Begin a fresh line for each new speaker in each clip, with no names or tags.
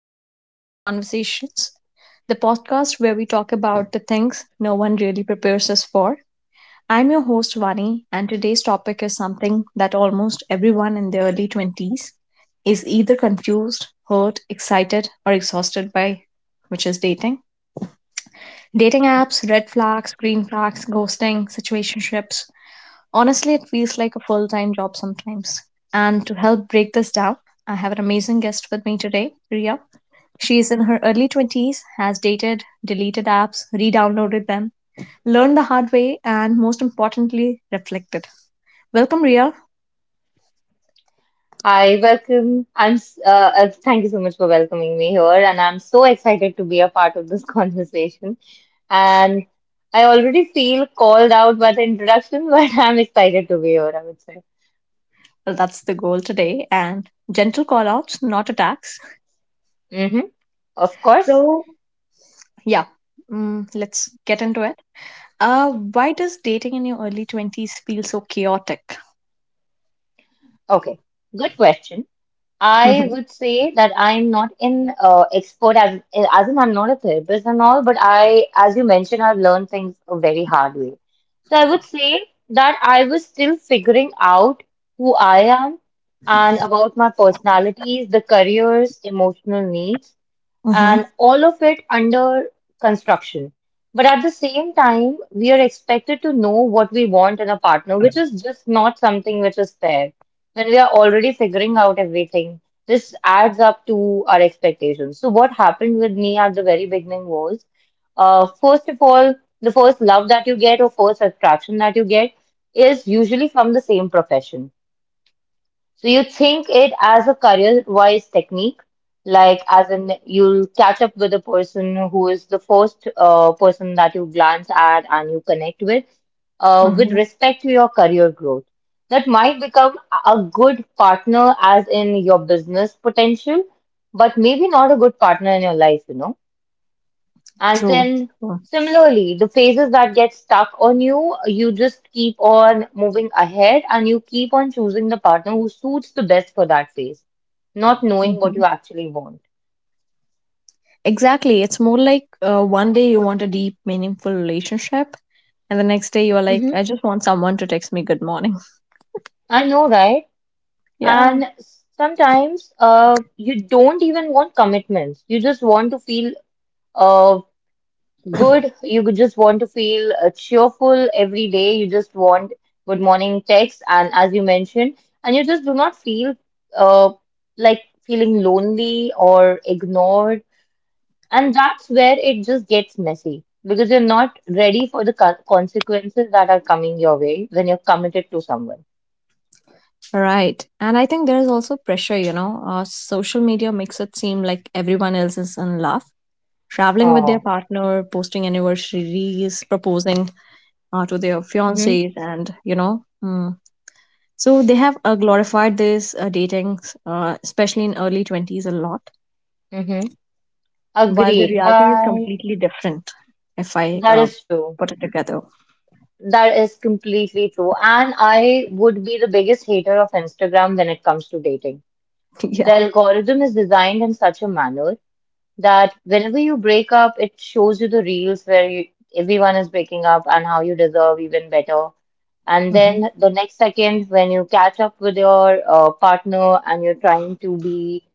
to Unfiltered Conversations, the podcast where we talk about the things no one really prepares us for. I'm your host, Vani, and today's topic is something that almost everyone in their early 20s is either confused, hurt, excited, or exhausted by, which is dating. Dating apps, red flags, green flags, ghosting, situationships. Honestly, it feels like a full time job sometimes. And to help break this down, I have an amazing guest with me today, Ria. She is in her early 20s, has dated, deleted apps, re downloaded them, learned the hard way, and most importantly, reflected. Welcome, Ria.
Hi, welcome. Thank you so much for welcoming me here, and I'm so excited to be a part of this conversation. And I already feel called out by the introduction, but I'm excited to be here, I would say.
Well, that's the goal today, and gentle call outs, not attacks.
Hmm. Of course.
So, yeah, let's get into it. Why does dating in your early 20s feel so chaotic?
Okay. Good question. I would say that I'm not an expert, as in I'm not a therapist and all, but I, as you mentioned, I've learned things a very hard way. So I would say that I was still figuring out who I am and about my personalities, the careers, emotional needs,
hmm
and all of it under construction. But at the same time, we are expected to know what we want in a partner, which is just not something which is fair. When we are already figuring out everything, this adds up to our expectations. So, what happened with me at the very beginning was, first of all, the first love that you get or first attraction that you get is usually from the same profession. So you think it as a career-wise technique, like as in you'll catch up with a person who is the first person that you glance at and you connect with
Mm-hmm.
respect to your career growth. That might become a good partner, as in your business potential, but maybe not a good partner in your life, you know. And
True.
then
True.
similarly, the phases that get stuck on you, you just keep on moving ahead and you keep on choosing the partner who suits the best for that phase, not knowing what
Hmm
you actually want.
Exactly, it's more like one day you want a deep, meaningful relationship, and the next day you are like,
Hmm.
I just want someone to text me good morning.
I know, right?
Yeah.
And sometimes you don't even want commitments. You just want to feel uh, good. You could just want to feel cheerful every day. You just want good morning text, and as you mentioned, and you just do not feel uh, like feeling lonely or ignored. And that's where it just gets messy because you're not ready for the consequences that are coming your way when you're committed to someone.
Right. And I think there is also pressure, you know, social media makes it seem like everyone else is in love, traveling with their
Oh,
partner, posting anniversaries, proposing to their
mm-hmm,
fiancés, and you know. Mm. So they have glorified this dating, especially in early 20s, a lot,
mm-hmm.
while the
Agreed.
reality is
I
completely different, if I
that is true.
put it together.
That is completely true. And I would be the biggest hater of Instagram when it comes to dating.
Yeah.
The algorithm is designed in such a manner that whenever you break up, it shows you the reels where you, everyone is breaking up and how you deserve even better. And
hmm
then the next second, when you catch up with your partner and you're trying to be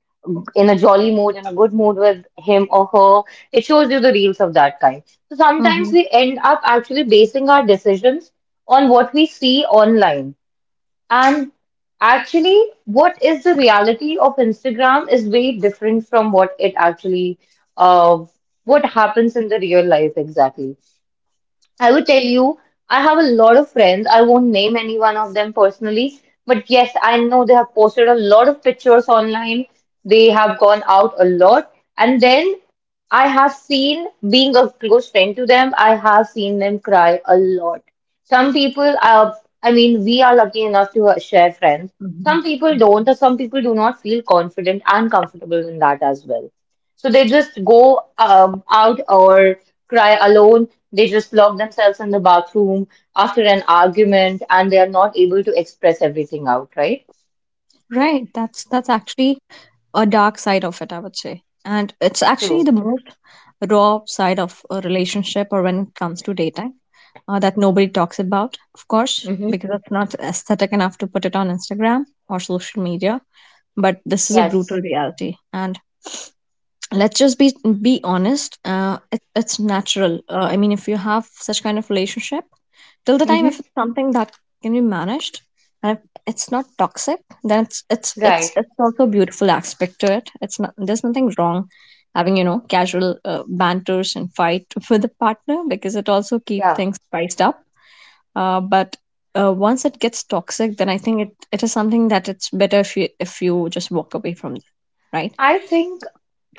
in a jolly mood and a good mood with him or her, it shows you the reels of that kind. So sometimes
hmm
we end up actually basing our decisions on what we see online. And actually, what is the reality of Instagram is way different from what it actually, uh, what happens in the real life exactly. I would tell you, I have a lot of friends. I won't name any one of them personally, but yes, I know they have posted a lot of pictures online. They have gone out a lot. And then I have seen, being a close friend to them, I have seen them cry a lot. Some people, are, I mean, we are lucky enough to share friends.
hmm
Some people don't, or some people do not feel confident and comfortable in that as well. So they just go out or cry alone. They just lock themselves in the bathroom after an argument and they are not able to express everything out, right?
Right. That's actually a dark side of it, I would say. And it's actually
True.
the most raw side of a relationship or when it comes to dating that nobody talks about, of course,
Mm-hmm.
because it's not aesthetic enough to put it on Instagram or social media. But this is a brutal
Yes.
reality. And let's just be honest, it's natural, I mean, if you have such kind of relationship, till the time, if
Mm-hmm.
it's something that can be managed, and if it's not toxic, then it's it's it's
Right.
it's also a beautiful aspect to it. It's not, there's nothing wrong having, you know, casual banters and fight with the partner, because it also keep
Yeah.
things spiced up, but once it gets toxic, then I think it is something that it's better if you just walk away from that, right?
I think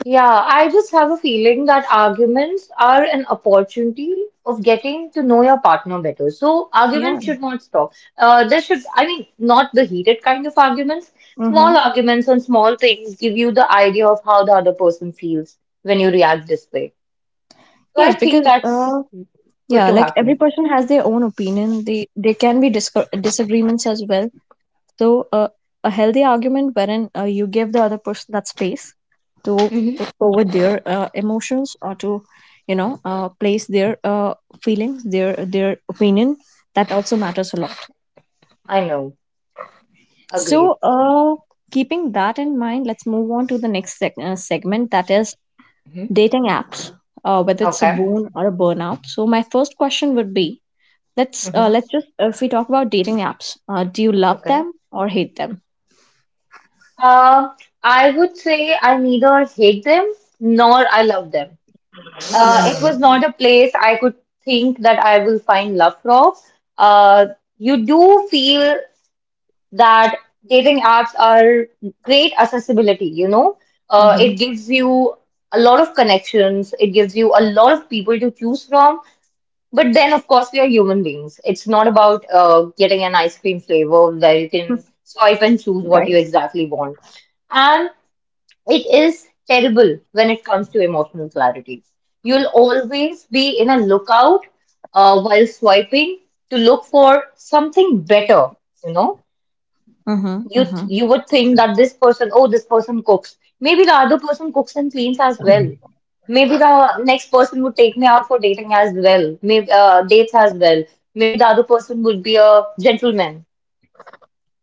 Yeah, I just have a feeling that arguments are an opportunity of getting to know your partner better. So
yeah
arguments should not stop. I mean, not the heated kind of arguments. Small
mm-hmm.
arguments on small things give you the idea of how the other person feels when you react this way. So I
Yes,
think
because
that's good
yeah,
to
like every
happen.
person has their own opinion. They There can be disagreements as well. So a healthy argument wherein you give the other person that space to
Hmm.
put forward their emotions or to, you know, place their feelings, their opinion. That also matters a lot.
I know. Agreed.
So keeping that in mind, let's move on to the next segment, that is
Hmm.
dating apps. Whether it's a
Okay.
boon or a burnout. So my first question would be, let's
Hmm.
let's just, if we talk about dating apps, do you love
Okay.
them or hate them?
Uh, I would say I neither hate them nor I love them. It was not a place I could think that I will find love from. Uh, you do feel that dating apps are great accessibility, you know.
Mm-hmm.
It gives you a lot of connections, it gives you a lot of people to choose from. But then, of course, we are human beings. It's not about getting an ice cream flavor where you can swipe and choose what you
Right.
exactly want. And it is terrible when it comes to emotional clarity. You'll always be in a lookout while swiping to look for something better. You know,
Mm-hmm. Mm-hmm.
you would think that this person, oh, this person cooks. Maybe the other person cooks and cleans as well. Maybe the next person would take me out for dating as well. Maybe dates as well. Maybe the other person would be a gentleman.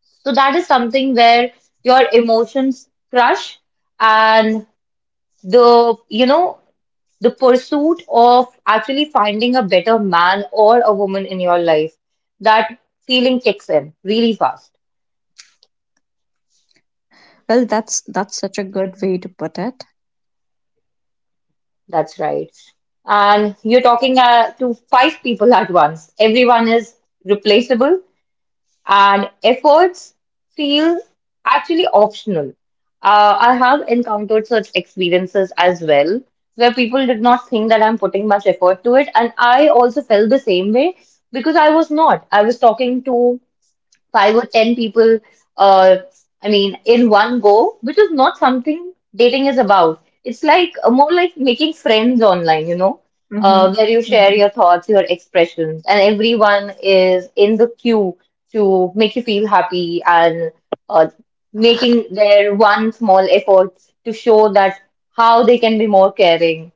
So that is something where your emotions crush and the, you know, the pursuit of actually finding a better man or a woman in your life, that feeling kicks in really fast.
Well, that's such a good way to put it.
That's right. And you're talking to five people at once. Everyone is replaceable and efforts feel actually optional. I have encountered such experiences as well, where people did not think that I'm putting much effort to it, and I also felt the same way because I was not. I was talking to five or ten people, uh I mean, in one go, which is not something dating is about. It's like more like making friends online, you know,
Mm-hmm.
where you share
Mm-hmm.
your thoughts, your expressions, and everyone is in the queue to make you feel happy and, uh, making their one small effort to show that how they can be more caring.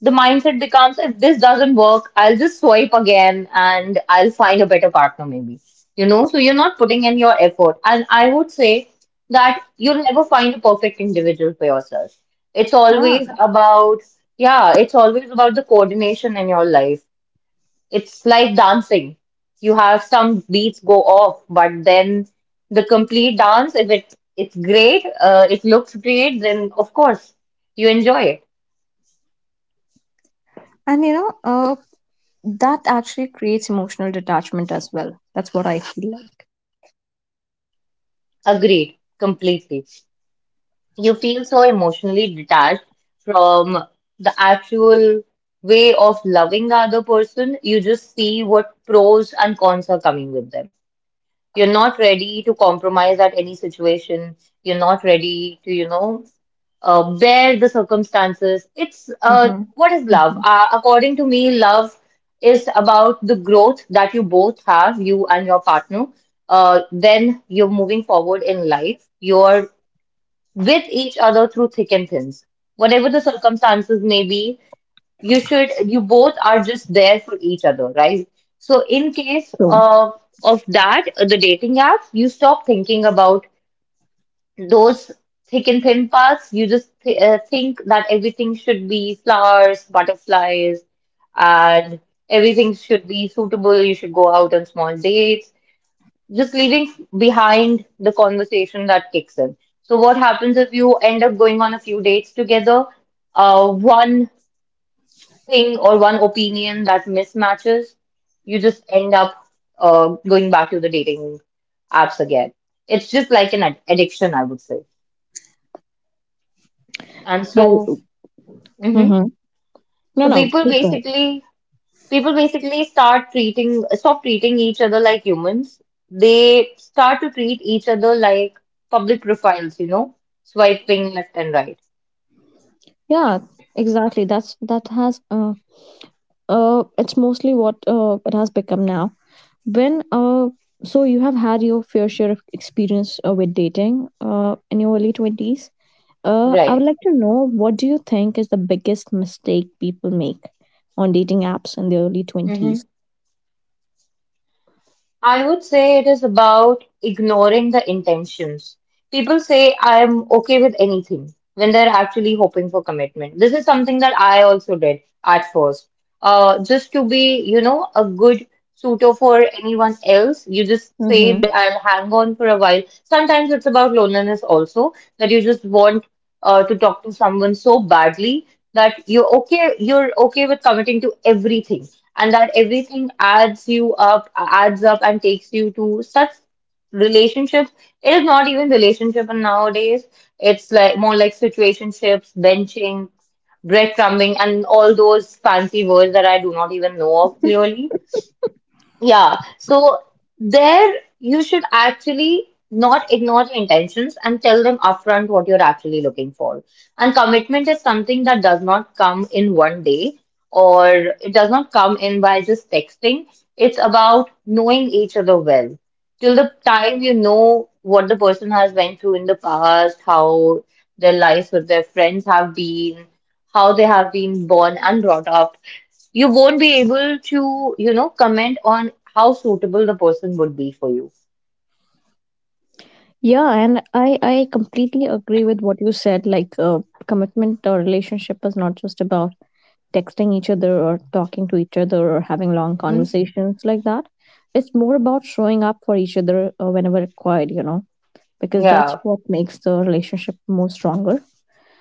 The mindset becomes, if this doesn't work, I'll just swipe again and I'll find a better partner, maybe. You know, so you're not putting in your effort. And I would say that you'll never find a perfect individual for yourself. It's
Yeah,
always about, yeah, it's always about the coordination in your life. It's like dancing. You have some beats go off, but then the complete dance, if it's great, it looks great, then of course you enjoy it.
and you know, that actually creates emotional detachment as well. That's what I feel like.
Agreed, completely. You feel so emotionally detached from the actual way of loving the other person. You just see what pros and cons are coming with them. You're not ready to compromise at any situation. You're not ready to, you know, bear the circumstances. It's
Mm-hmm.
What is love?
Mm-hmm.
According to me, love is about the growth that you both have, you and your partner. Then you're moving forward in life. You're with each other through thick and thin. Whatever the circumstances may be, you should, you both are just there for each other, right? So in case
So
of that, the dating apps, you stop thinking about those thick and thin parts. You just th think that everything should be flowers, butterflies, and everything should be suitable. You should go out on small dates, just leaving behind the conversation that kicks in. So, what happens if you end up going on a few dates together? One thing or one opinion that mismatches, you just end up going back to the dating apps again. It's just like an addiction, I would say. And so,
well.
mhm.
Mm-hmm. No,
So
no.
people
Please go ahead.
basically, people basically start treating stop treating each other like humans. They start to treat each other like public profiles, you know, swiping left and right.
Yeah, exactly. That's that has, it's mostly what it has become now. When so you have had your fair share of experience with dating in your early 20s. I
Right.
would like to know, what do you think is the biggest mistake people make on dating apps in their early 20s?
I would say it is about ignoring the intentions. People say I'm okay with anything when they're actually hoping for commitment. This is something that I also did at first. Just to be, you know, a good suitor for anyone else, you just say that
Mm-hmm.
I'll hang on for a while. Sometimes it's about loneliness also, that you just want to talk to someone so badly that you're okay with committing to everything, and that everything adds you up, adds up and takes you to such relationships. It is not even relationship nowadays. It's like more like situationships, benching, breadcrumbing, and all those fancy words that I do not even know of clearly. Yeah, so there you should actually not ignore your intentions and tell them upfront what you're actually looking for. And commitment is something that does not come in one day, or it does not come in by just texting. It's about knowing each other well. Till the time you know what the person has went through in the past, how their lives with their friends have been, how they have been born and brought up. You won't be able to, you know, comment on how suitable the person would be for you.
Yeah, and I completely agree with what you said. Like, commitment or relationship is not just about texting each other or talking to each other or having long
Hmm.
conversations like that. It's more about showing up for each other whenever required. You know, because that's
Yeah.
what makes the relationship more stronger.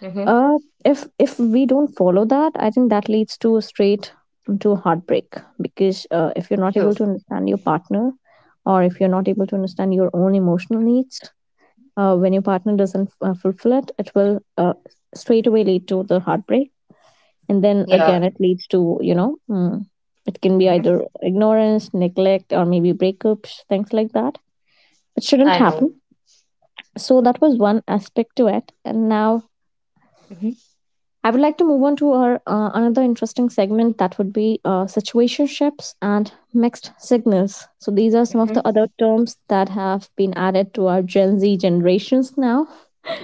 Hmm.
Uh, if we don't follow that, I think that leads to straight to heartbreak, because if you're not
True.
able to understand your partner, or if you're not able to understand your own emotional needs, when your partner doesn't fulfill it, it will straight away lead to the heartbreak, and then
Yeah.
again it leads to, you know, it can be
Hmm.
either ignorance, neglect, or maybe breakups, things like that. It shouldn't
I know.
happen. So that was one aspect to it, and now
Hmm.
I would like to move on to our another interesting segment, that would be situationships and mixed signals. So these are some of
Hmm.
the other terms that have been added to our Gen Z generations now,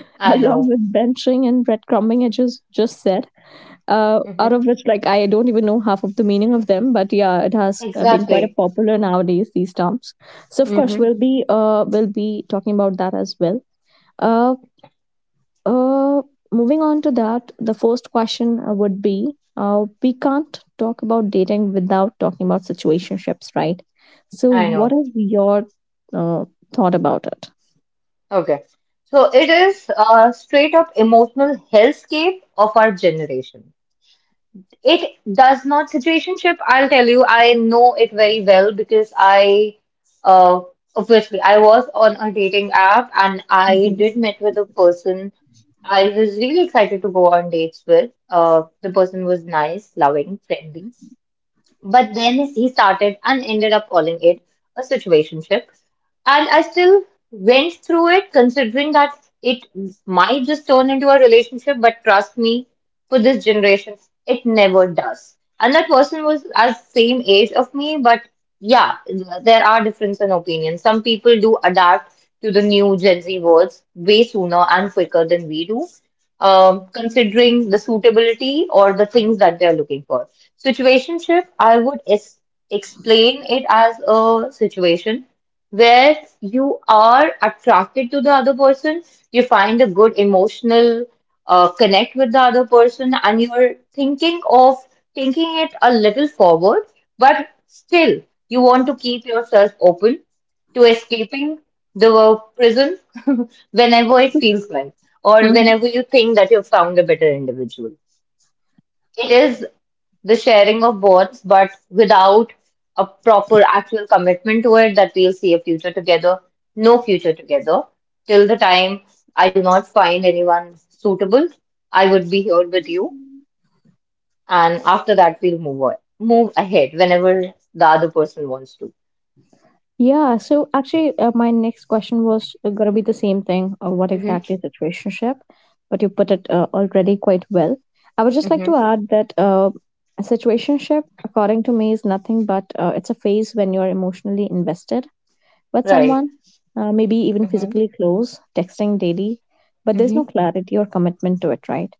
I
along
know.
with benching and breadcrumbing, I just said, out
Hmm.
of which, like, I don't even know half of the meaning of them, but yeah, it has been quite a
Exactly.
popular nowadays, these terms. So of course
hmm
we'll be talking about that as well. Uh, uh, Moving on to that, the first question would be, we can't talk about dating without talking about situationships, right? So,
I
what
know.
is your uh, thought about it?
Okay. So it is a straight up emotional hellscape of our generation. It does not situationship. I'll tell you, I know it very well because uh, obviously, I was on a dating app and I did meet with a person I was really excited to go on dates with. The person was nice, loving, friendly. But then he started and ended up calling it a situationship. And I still went through it considering that it might just turn into a relationship, but trust me, for this generation, it never does. And that person was as same age of me, but yeah, there are differences in opinion. Some people do adapt to the new Gen Z words way sooner and quicker than we do considering the suitability or the things that they're looking for. Situationship, I would es explain it as a situation where you are attracted to the other person, you find a good emotional connect with the other person, and you're thinking of taking it a little forward, but still you want to keep yourself open to escaping the work prison whenever it feels like, or
Hmm
whenever you think that you've found a better individual. It is the sharing of both, but without a proper actual commitment to it that we'll see a future together, no future together. Till the time I do not find anyone suitable, I would be here with you. And after that, we'll move on, move ahead whenever the other person wants to.
Yeah, so actually, my next question was going to be the same thing. What
hmm
exactly is a relationship? But you put it already quite well. I would just like
hmm
to add that a situationship, according to me, is nothing but it's a phase when you're emotionally invested with
Right.
someone, maybe even
hmm
physically close, texting daily, but there's no clarity or commitment to it, right?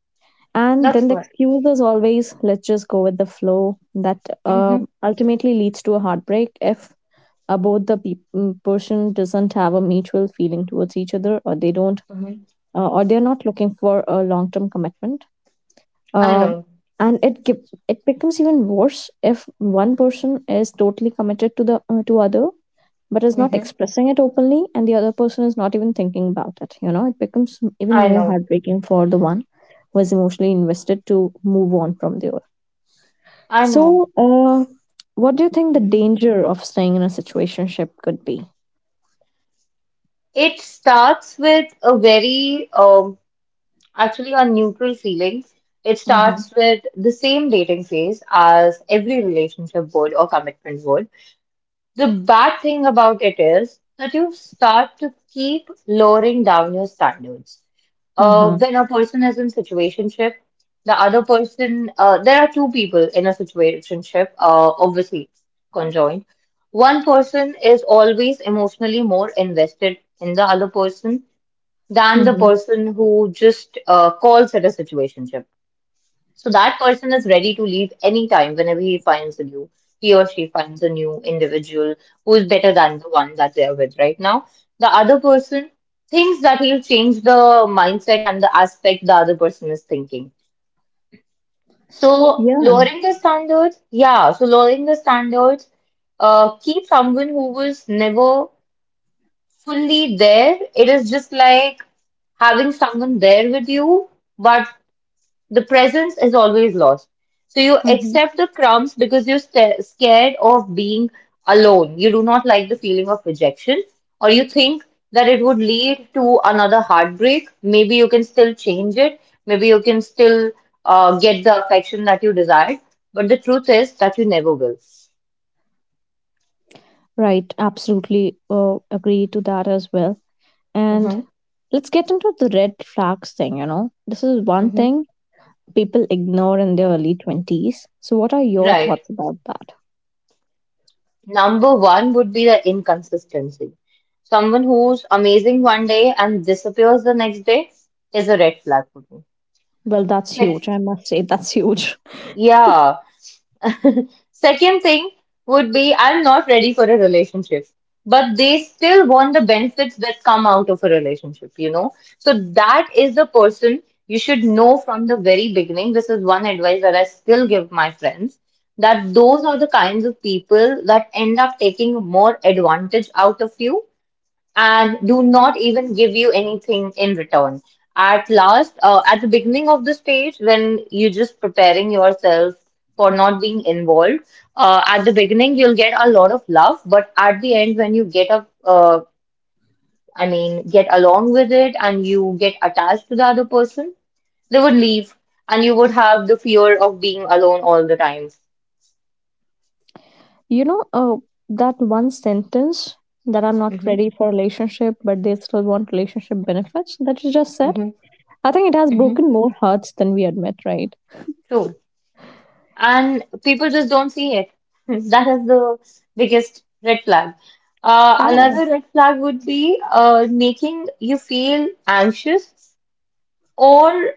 And then
That's
the
what.
excuse is always, let's just go with the flow. That uh,
hmm
ultimately leads to a heartbreak if both the person doesn't have a mutual feeling towards each other, or they don't
hmm
or they're not looking for a long-term commitment,
I
uh,
know.
and it it becomes even worse if one person is totally committed to the to other, but is not
hmm
expressing it openly, and the other person is not even thinking about it, you know, it becomes even
I
more
know.
heartbreaking for the one who is emotionally invested to move on from the other.
I know.
So what do you think the
hmm
danger of staying in a situationship could be?
It starts with a very, actually a neutral feeling. It
Mm-hmm.
starts with the same dating phase as every relationship would or commitment would. The bad thing about it is that you start to keep lowering down your standards.
Mm-hmm.
When a person is in situationship, the other person, there are two people in a situationship, obviously conjoined. One person is always emotionally more invested in the other person than the
Mm-hmm.
person who just calls it a situationship. So that person is ready to leave anytime whenever he or she finds a new individual who is better than the one that they are with right now. The other person thinks that he'll change the mindset and the aspect the other person is thinking. So
Yeah.
lowering the standards, yeah, so lowering the standards, keep someone who was never fully there. It is just like having someone there with you, but the presence is always lost. So you
Mm-hmm.
accept the crumbs because you're sta scared of being alone. You do not like the feeling of rejection, or you think that it would lead to another heartbreak. Maybe you can still change it. Maybe you can still get the affection that you desired. But the truth is that you never will.
Right. Absolutely agree to that as well. And
hmm
let's get into the red flags thing. You know, this is one
hmm
thing people ignore in their early 20s. So, what are your
Right.
thoughts about that?
Number one would be the inconsistency. Someone who's amazing one day and disappears the next day is a red flag for me.
Well, that's
Sex,
huge. I must say, that's huge.
yeah. Second thing would be I'm not ready for a relationship, but they still want the benefits that come out of a relationship, you know? So that is the person you should know from the very beginning. This is one advice that I still give my friends that those are the kinds of people that end up taking more advantage out of you and do not even give you anything in return. At the beginning of the stage, when you're just preparing yourself for not being involved, at the beginning, you'll get a lot of love, but at the end, when you get up, I mean, get along with it and you get attached to the other person, they would leave and you would have the fear of being alone all the time.
You know, that one sentence, that I'm not
Mm-hmm,
ready for relationship, but they still want relationship benefits that you just said,
mm-hmm,
I think it has
mm-hmm,
broken more hearts than we admit, right?
and people just don't see it. That is the biggest red flag.
Yeah.
Another red flag would be making you feel anxious or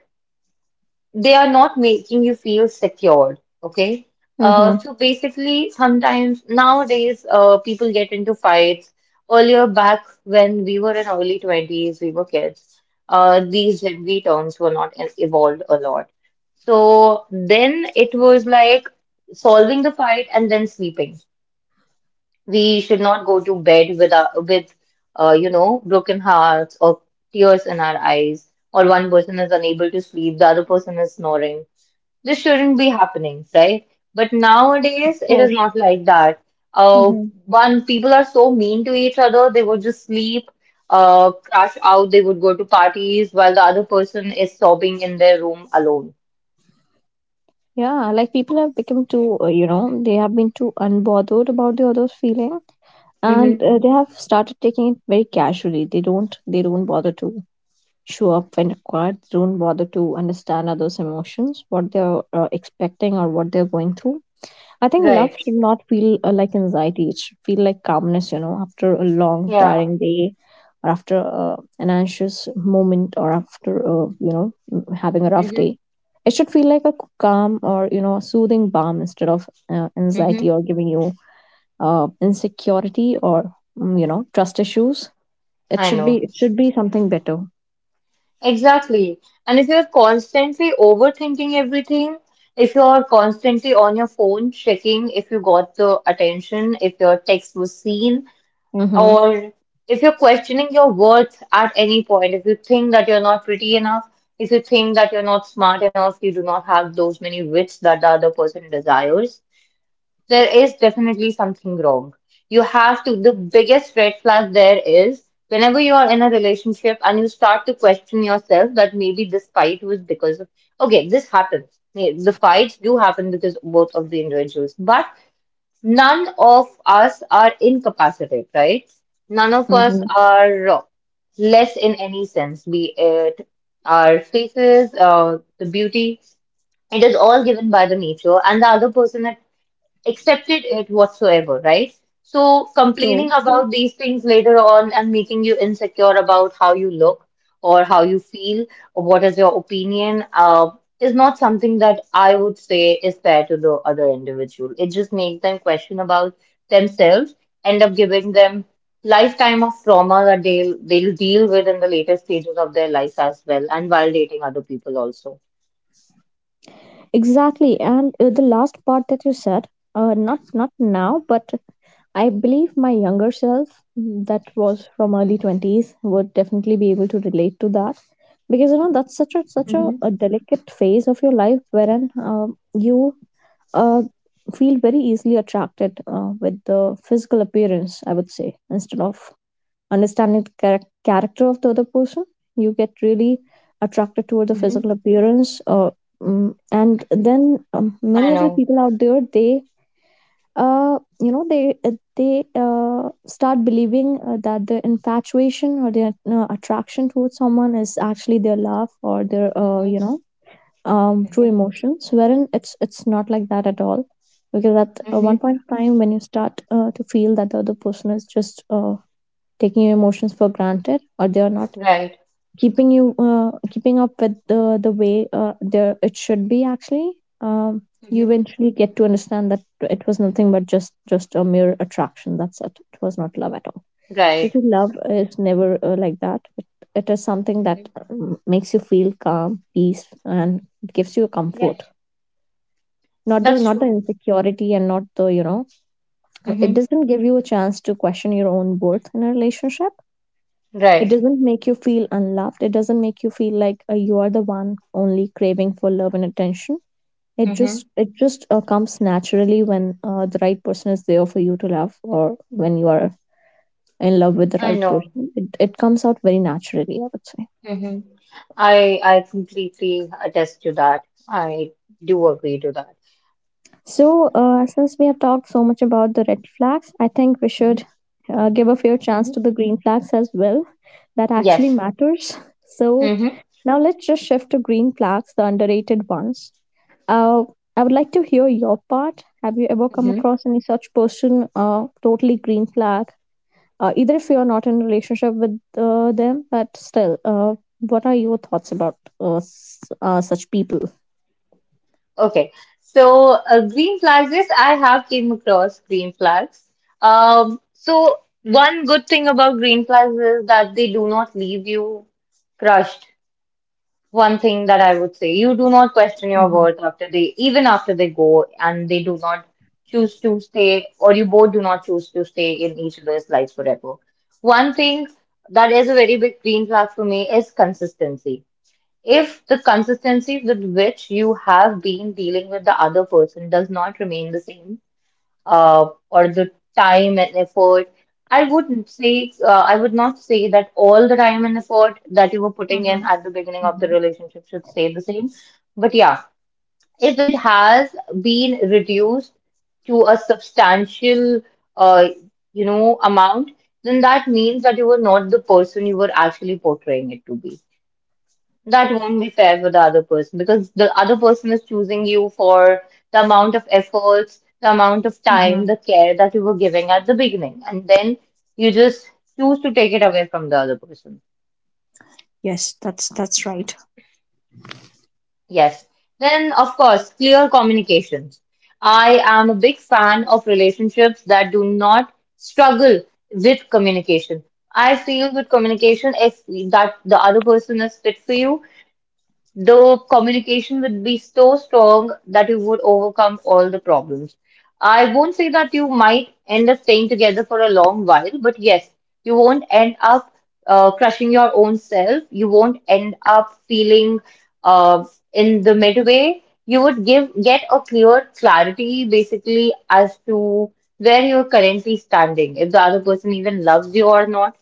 they are not making you feel secured, okay.
Mm-hmm.
So basically, sometimes nowadays people get into fights. Earlier back when we were in early 20s, we were kids. These Gen Z terms were not evolved a lot. So then it was like solving the fight and then sleeping. We should not go to bed with you know, broken hearts or tears in our eyes, or one person is unable to sleep, the other person is snoring. This shouldn't be happening, right? But
Of
nowadays, it is
course.
not like that. Uh,
Mm-hmm.
one, people are so mean to each other, they would just sleep, crash out, they would go to parties while the other person is sobbing in their room alone.
Yeah, like people have become too, you know, they have been too unbothered about the other's feeling, and
hmm
they have started taking it very casually. They don't bother to show up when required, don't bother to understand others' emotions, what they're expecting or what they're going through. I think love
Right.
should not feel like anxiety, it should feel like calmness, you know, after a long,
Yeah.
tiring day, or after an anxious moment, or after, you know, having a rough
hmm
day. It should feel like a calm, or, you know, soothing balm, instead of
hmm
anxiety, or giving you insecurity, or, you know, trust issues.
I know.
It should be something better.
Exactly. And if you're constantly overthinking everything, if you're constantly on your phone checking if you got the attention, if your text was seen,
Mm-hmm.
or if you're questioning your worth at any point, if you think that you're not pretty enough, if you think that you're not smart enough, you do not have those many wits that the other person desires, there is definitely something wrong. The biggest red flag there is whenever you are in a relationship and you start to question yourself that maybe this fight was because of, okay, this happens. The fights do happen because both of the individuals, but None of us are incapacitated, right? None of us
Mm-hmm.
are less in any sense, be it our faces, the beauty. It is all given by the nature, and the other person accepted it whatsoever, right? So
True,
complaining
true.
about these things later on and making you insecure about how you look or how you feel or what is your opinion is not something that I would say is fair to the other individual. It just makes them question about themselves, end up giving them lifetime of trauma that they'll deal with in the later stages of their life as well, and while dating other people also.
Exactly, and the last part that you said, not now, but I believe my younger self, that was from early 20s, would definitely be able to relate to that, because, you know, that's such a
Mm-hmm.
a delicate phase of your life, wherein you uh, feel very easily attracted with the physical appearance, I would say, instead of understanding the character of the other person. You get really attracted toward the physical
Mm-hmm.
appearance. And then many
I
of the
know.
people out there, they, you know, they start believing that their infatuation or their attraction towards someone is actually their love, or their,
Mm-hmm.
you know, true
Mm-hmm.
emotions. Wherein it's not like that at all because at one
Mm-hmm.
point of time when you start to feel that the other person is just taking your emotions for granted, or they are not
Right.
keeping you, keeping up with the way there it should be actually um, you
Mm-hmm.
eventually get to understand that it was nothing but just a mere attraction. That's it. It was not love at all,
Right.
because love is never like that. It is something
Mm-hmm.
that makes you feel calm, peace, and it gives you comfort,
Yes,
not the
that's
not the
true.
insecurity and not the, it
Mm-hmm.
doesn't give you a chance to question your own worth in a relationship. It
Right.
doesn't make you feel unloved. It doesn't make you feel like you are the one only craving for love and attention. It
Mm-hmm.
just it just uh, comes naturally when the right person is there for you to love, or when you are in love with the
I
right
know.
person. It comes out very naturally, I would say.
Mm-hmm. I completely attest to that. I do agree to that.
So, since we have talked so much about the red flags, I think we
Mm-hmm.
should give a fair chance
Mm-hmm.
to the green flags as well. That actually
Yes.
matters. So
Mm-hmm.
now let's just shift to green flags, the underrated ones. Uh, I would like to hear your part. Have you ever come
Mm-hmm.
across any such person, totally green flag? Either if you're not in a relationship with them, but still, what are your thoughts about such people?
Okay. So green flags, yes, I have came across green flags. So one good thing about green flags is that they do not leave you crushed. One thing that I would say. You do not question your
Mm-hmm.
worth after even after they go and they do not choose to stay, or you both do not choose to stay in each other's lives forever. One thing that is a very big green flag for me is consistency. If the consistency with which you have been dealing with the other person does not remain the same, or the time and effort. I would not say that all the time and effort that you were putting in at the beginning of the relationship should stay the same. But yeah, if it has been reduced to a substantial, uh, you know, amount, then that means that you were not the person you were actually portraying it to be. That won't be fair for the other person because the other person is choosing you for the amount of efforts, the amount of time, the care that you were giving at the beginning. And then you just choose to take it away from the other person. Yes. Then, of course, clear communications. I am a big fan of relationships that do not struggle with communication. I feel with communication, if that the other person is fit for you, the communication would be so strong that you would overcome all the problems. I won't say that you might end up staying together for a long while, but yes, you won't end up crushing your own self. You won't end up feeling uh, in the midway. You would give get a clear clarity basically as to where you're currently standing, if the other person even loves you or not.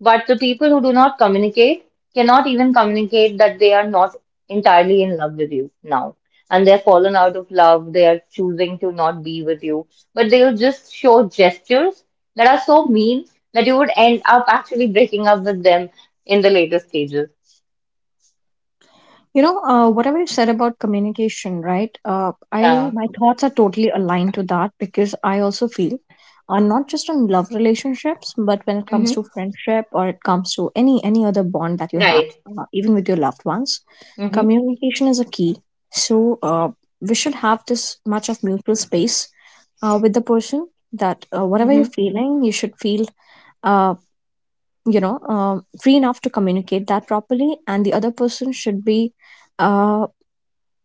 But the people who do not communicate cannot even communicate that they are not entirely in love with you now. And they're fallen out of love, they are choosing to not be with you, but they'll just show gestures that are so mean that you would end up actually breaking up with them in the later stages.
You know, whatever you said about communication, right? I,
Yeah.
my thoughts are totally aligned to that, because I also feel, not just on love relationships, but when it comes
Mm-hmm.
to friendship or it comes to any other bond that you have,
Right.
even with your loved ones,
Mm-hmm.
communication is a key. So we should have this much of mutual space with the person that, whatever you're
Mm-hmm.
feeling, you should feel Uh, free enough to communicate that properly, and the other person should be uh,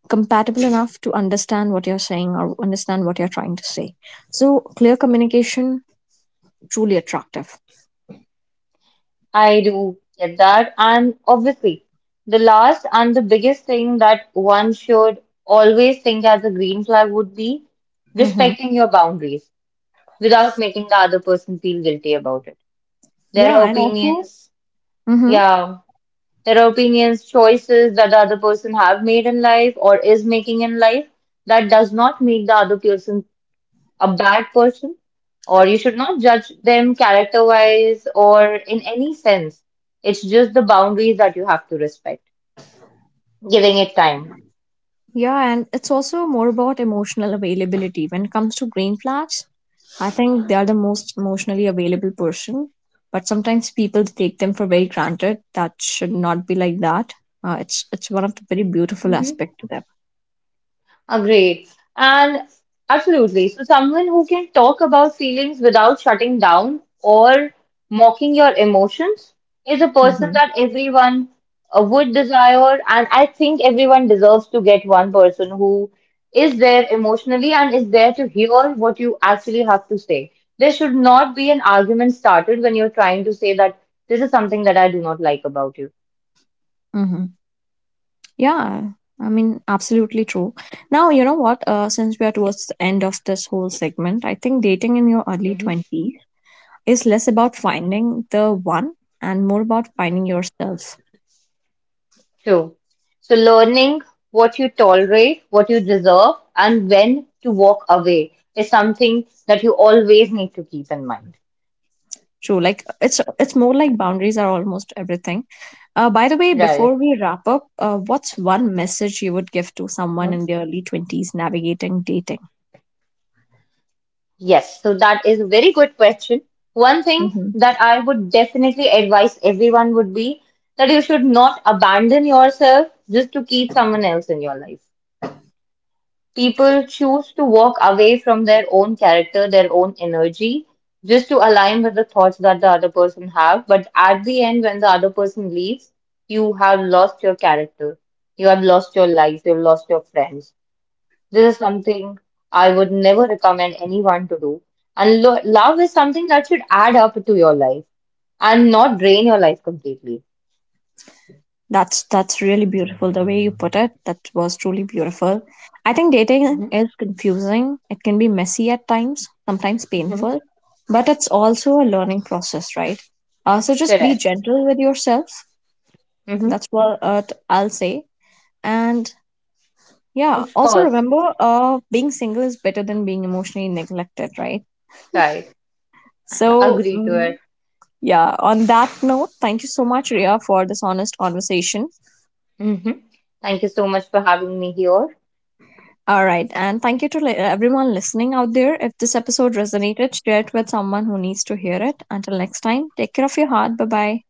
compatible enough to understand what you're saying or understand what you're trying to say. So clear communication, truly attractive.
I do get that. And obviously, the last and the biggest thing that one should always think as a green flag would be
Mm-hmm.
respecting your boundaries without making the other person feel guilty about it.
Yeah,
Their
and also
opinions,
mm-hmm.
yeah, their opinions, choices that the other person have made in life or is making in life, that does not make the other person a bad person, or you should not judge them character-wise or in any sense. It's just the boundaries that you have to respect, giving it time.
Yeah, and it's also more about emotional availability when it comes to green flags. I think they are the most emotionally available person, but sometimes people take them for very granted. That should not be like that. It's one of the very beautiful aspect to them.
Agreed. And absolutely. So, someone who can talk about feelings without shutting down or mocking your emotions is a person
Mm-hmm.
that everyone would desire. And I think everyone deserves to get one person who is there emotionally and is there to hear what you actually have to say. There should not be an argument started when you're trying to say that this is something that I do not like about
Mm-hmm. Yeah, I mean, absolutely true. Now, you know what? Since we are towards the end of this whole segment, I think dating in your early
you.
20s is less about finding the one and more about finding yourself.
True. So learning what you tolerate, what you deserve, and when to walk away is something that you always need to keep in mind.
True, like it's more like boundaries are almost everything. By the way, before
Right.
we wrap up, what's one message you would give to someone
hmm
in their early 20s navigating dating?
Yes, so that is a very good question. One thing that I would definitely advise everyone would be that you should not abandon yourself just to keep someone else in your life. People choose to walk away from their own character, their own energy, just to align with the thoughts that the other person have. But at the end, when the other person leaves, you have lost your character. You have lost your life. You've lost your friends. This is something I would never recommend anyone to do. And lo love is something that should add up to your life and not drain your life completely.
That's really beautiful. The way you put it, that was truly beautiful. I think dating
hmm
is confusing. It can be messy at times, sometimes
hmm
painful, but it's also a learning process, right? So just be
Correct.
gentle with yourself.
hmm
That's what I'll say. And yeah,
Of
also
course.
remember, being single is better than being emotionally neglected, right?
Right.
So
Agree to
mm,
it.
yeah, on that note, thank you so much, Ria, for this honest conversation.
hmm Thank you so much for having me here.
All right. And thank you to everyone listening out there. If this episode resonated, share it with someone who needs to hear it. Until next time, take care of your heart. Bye bye.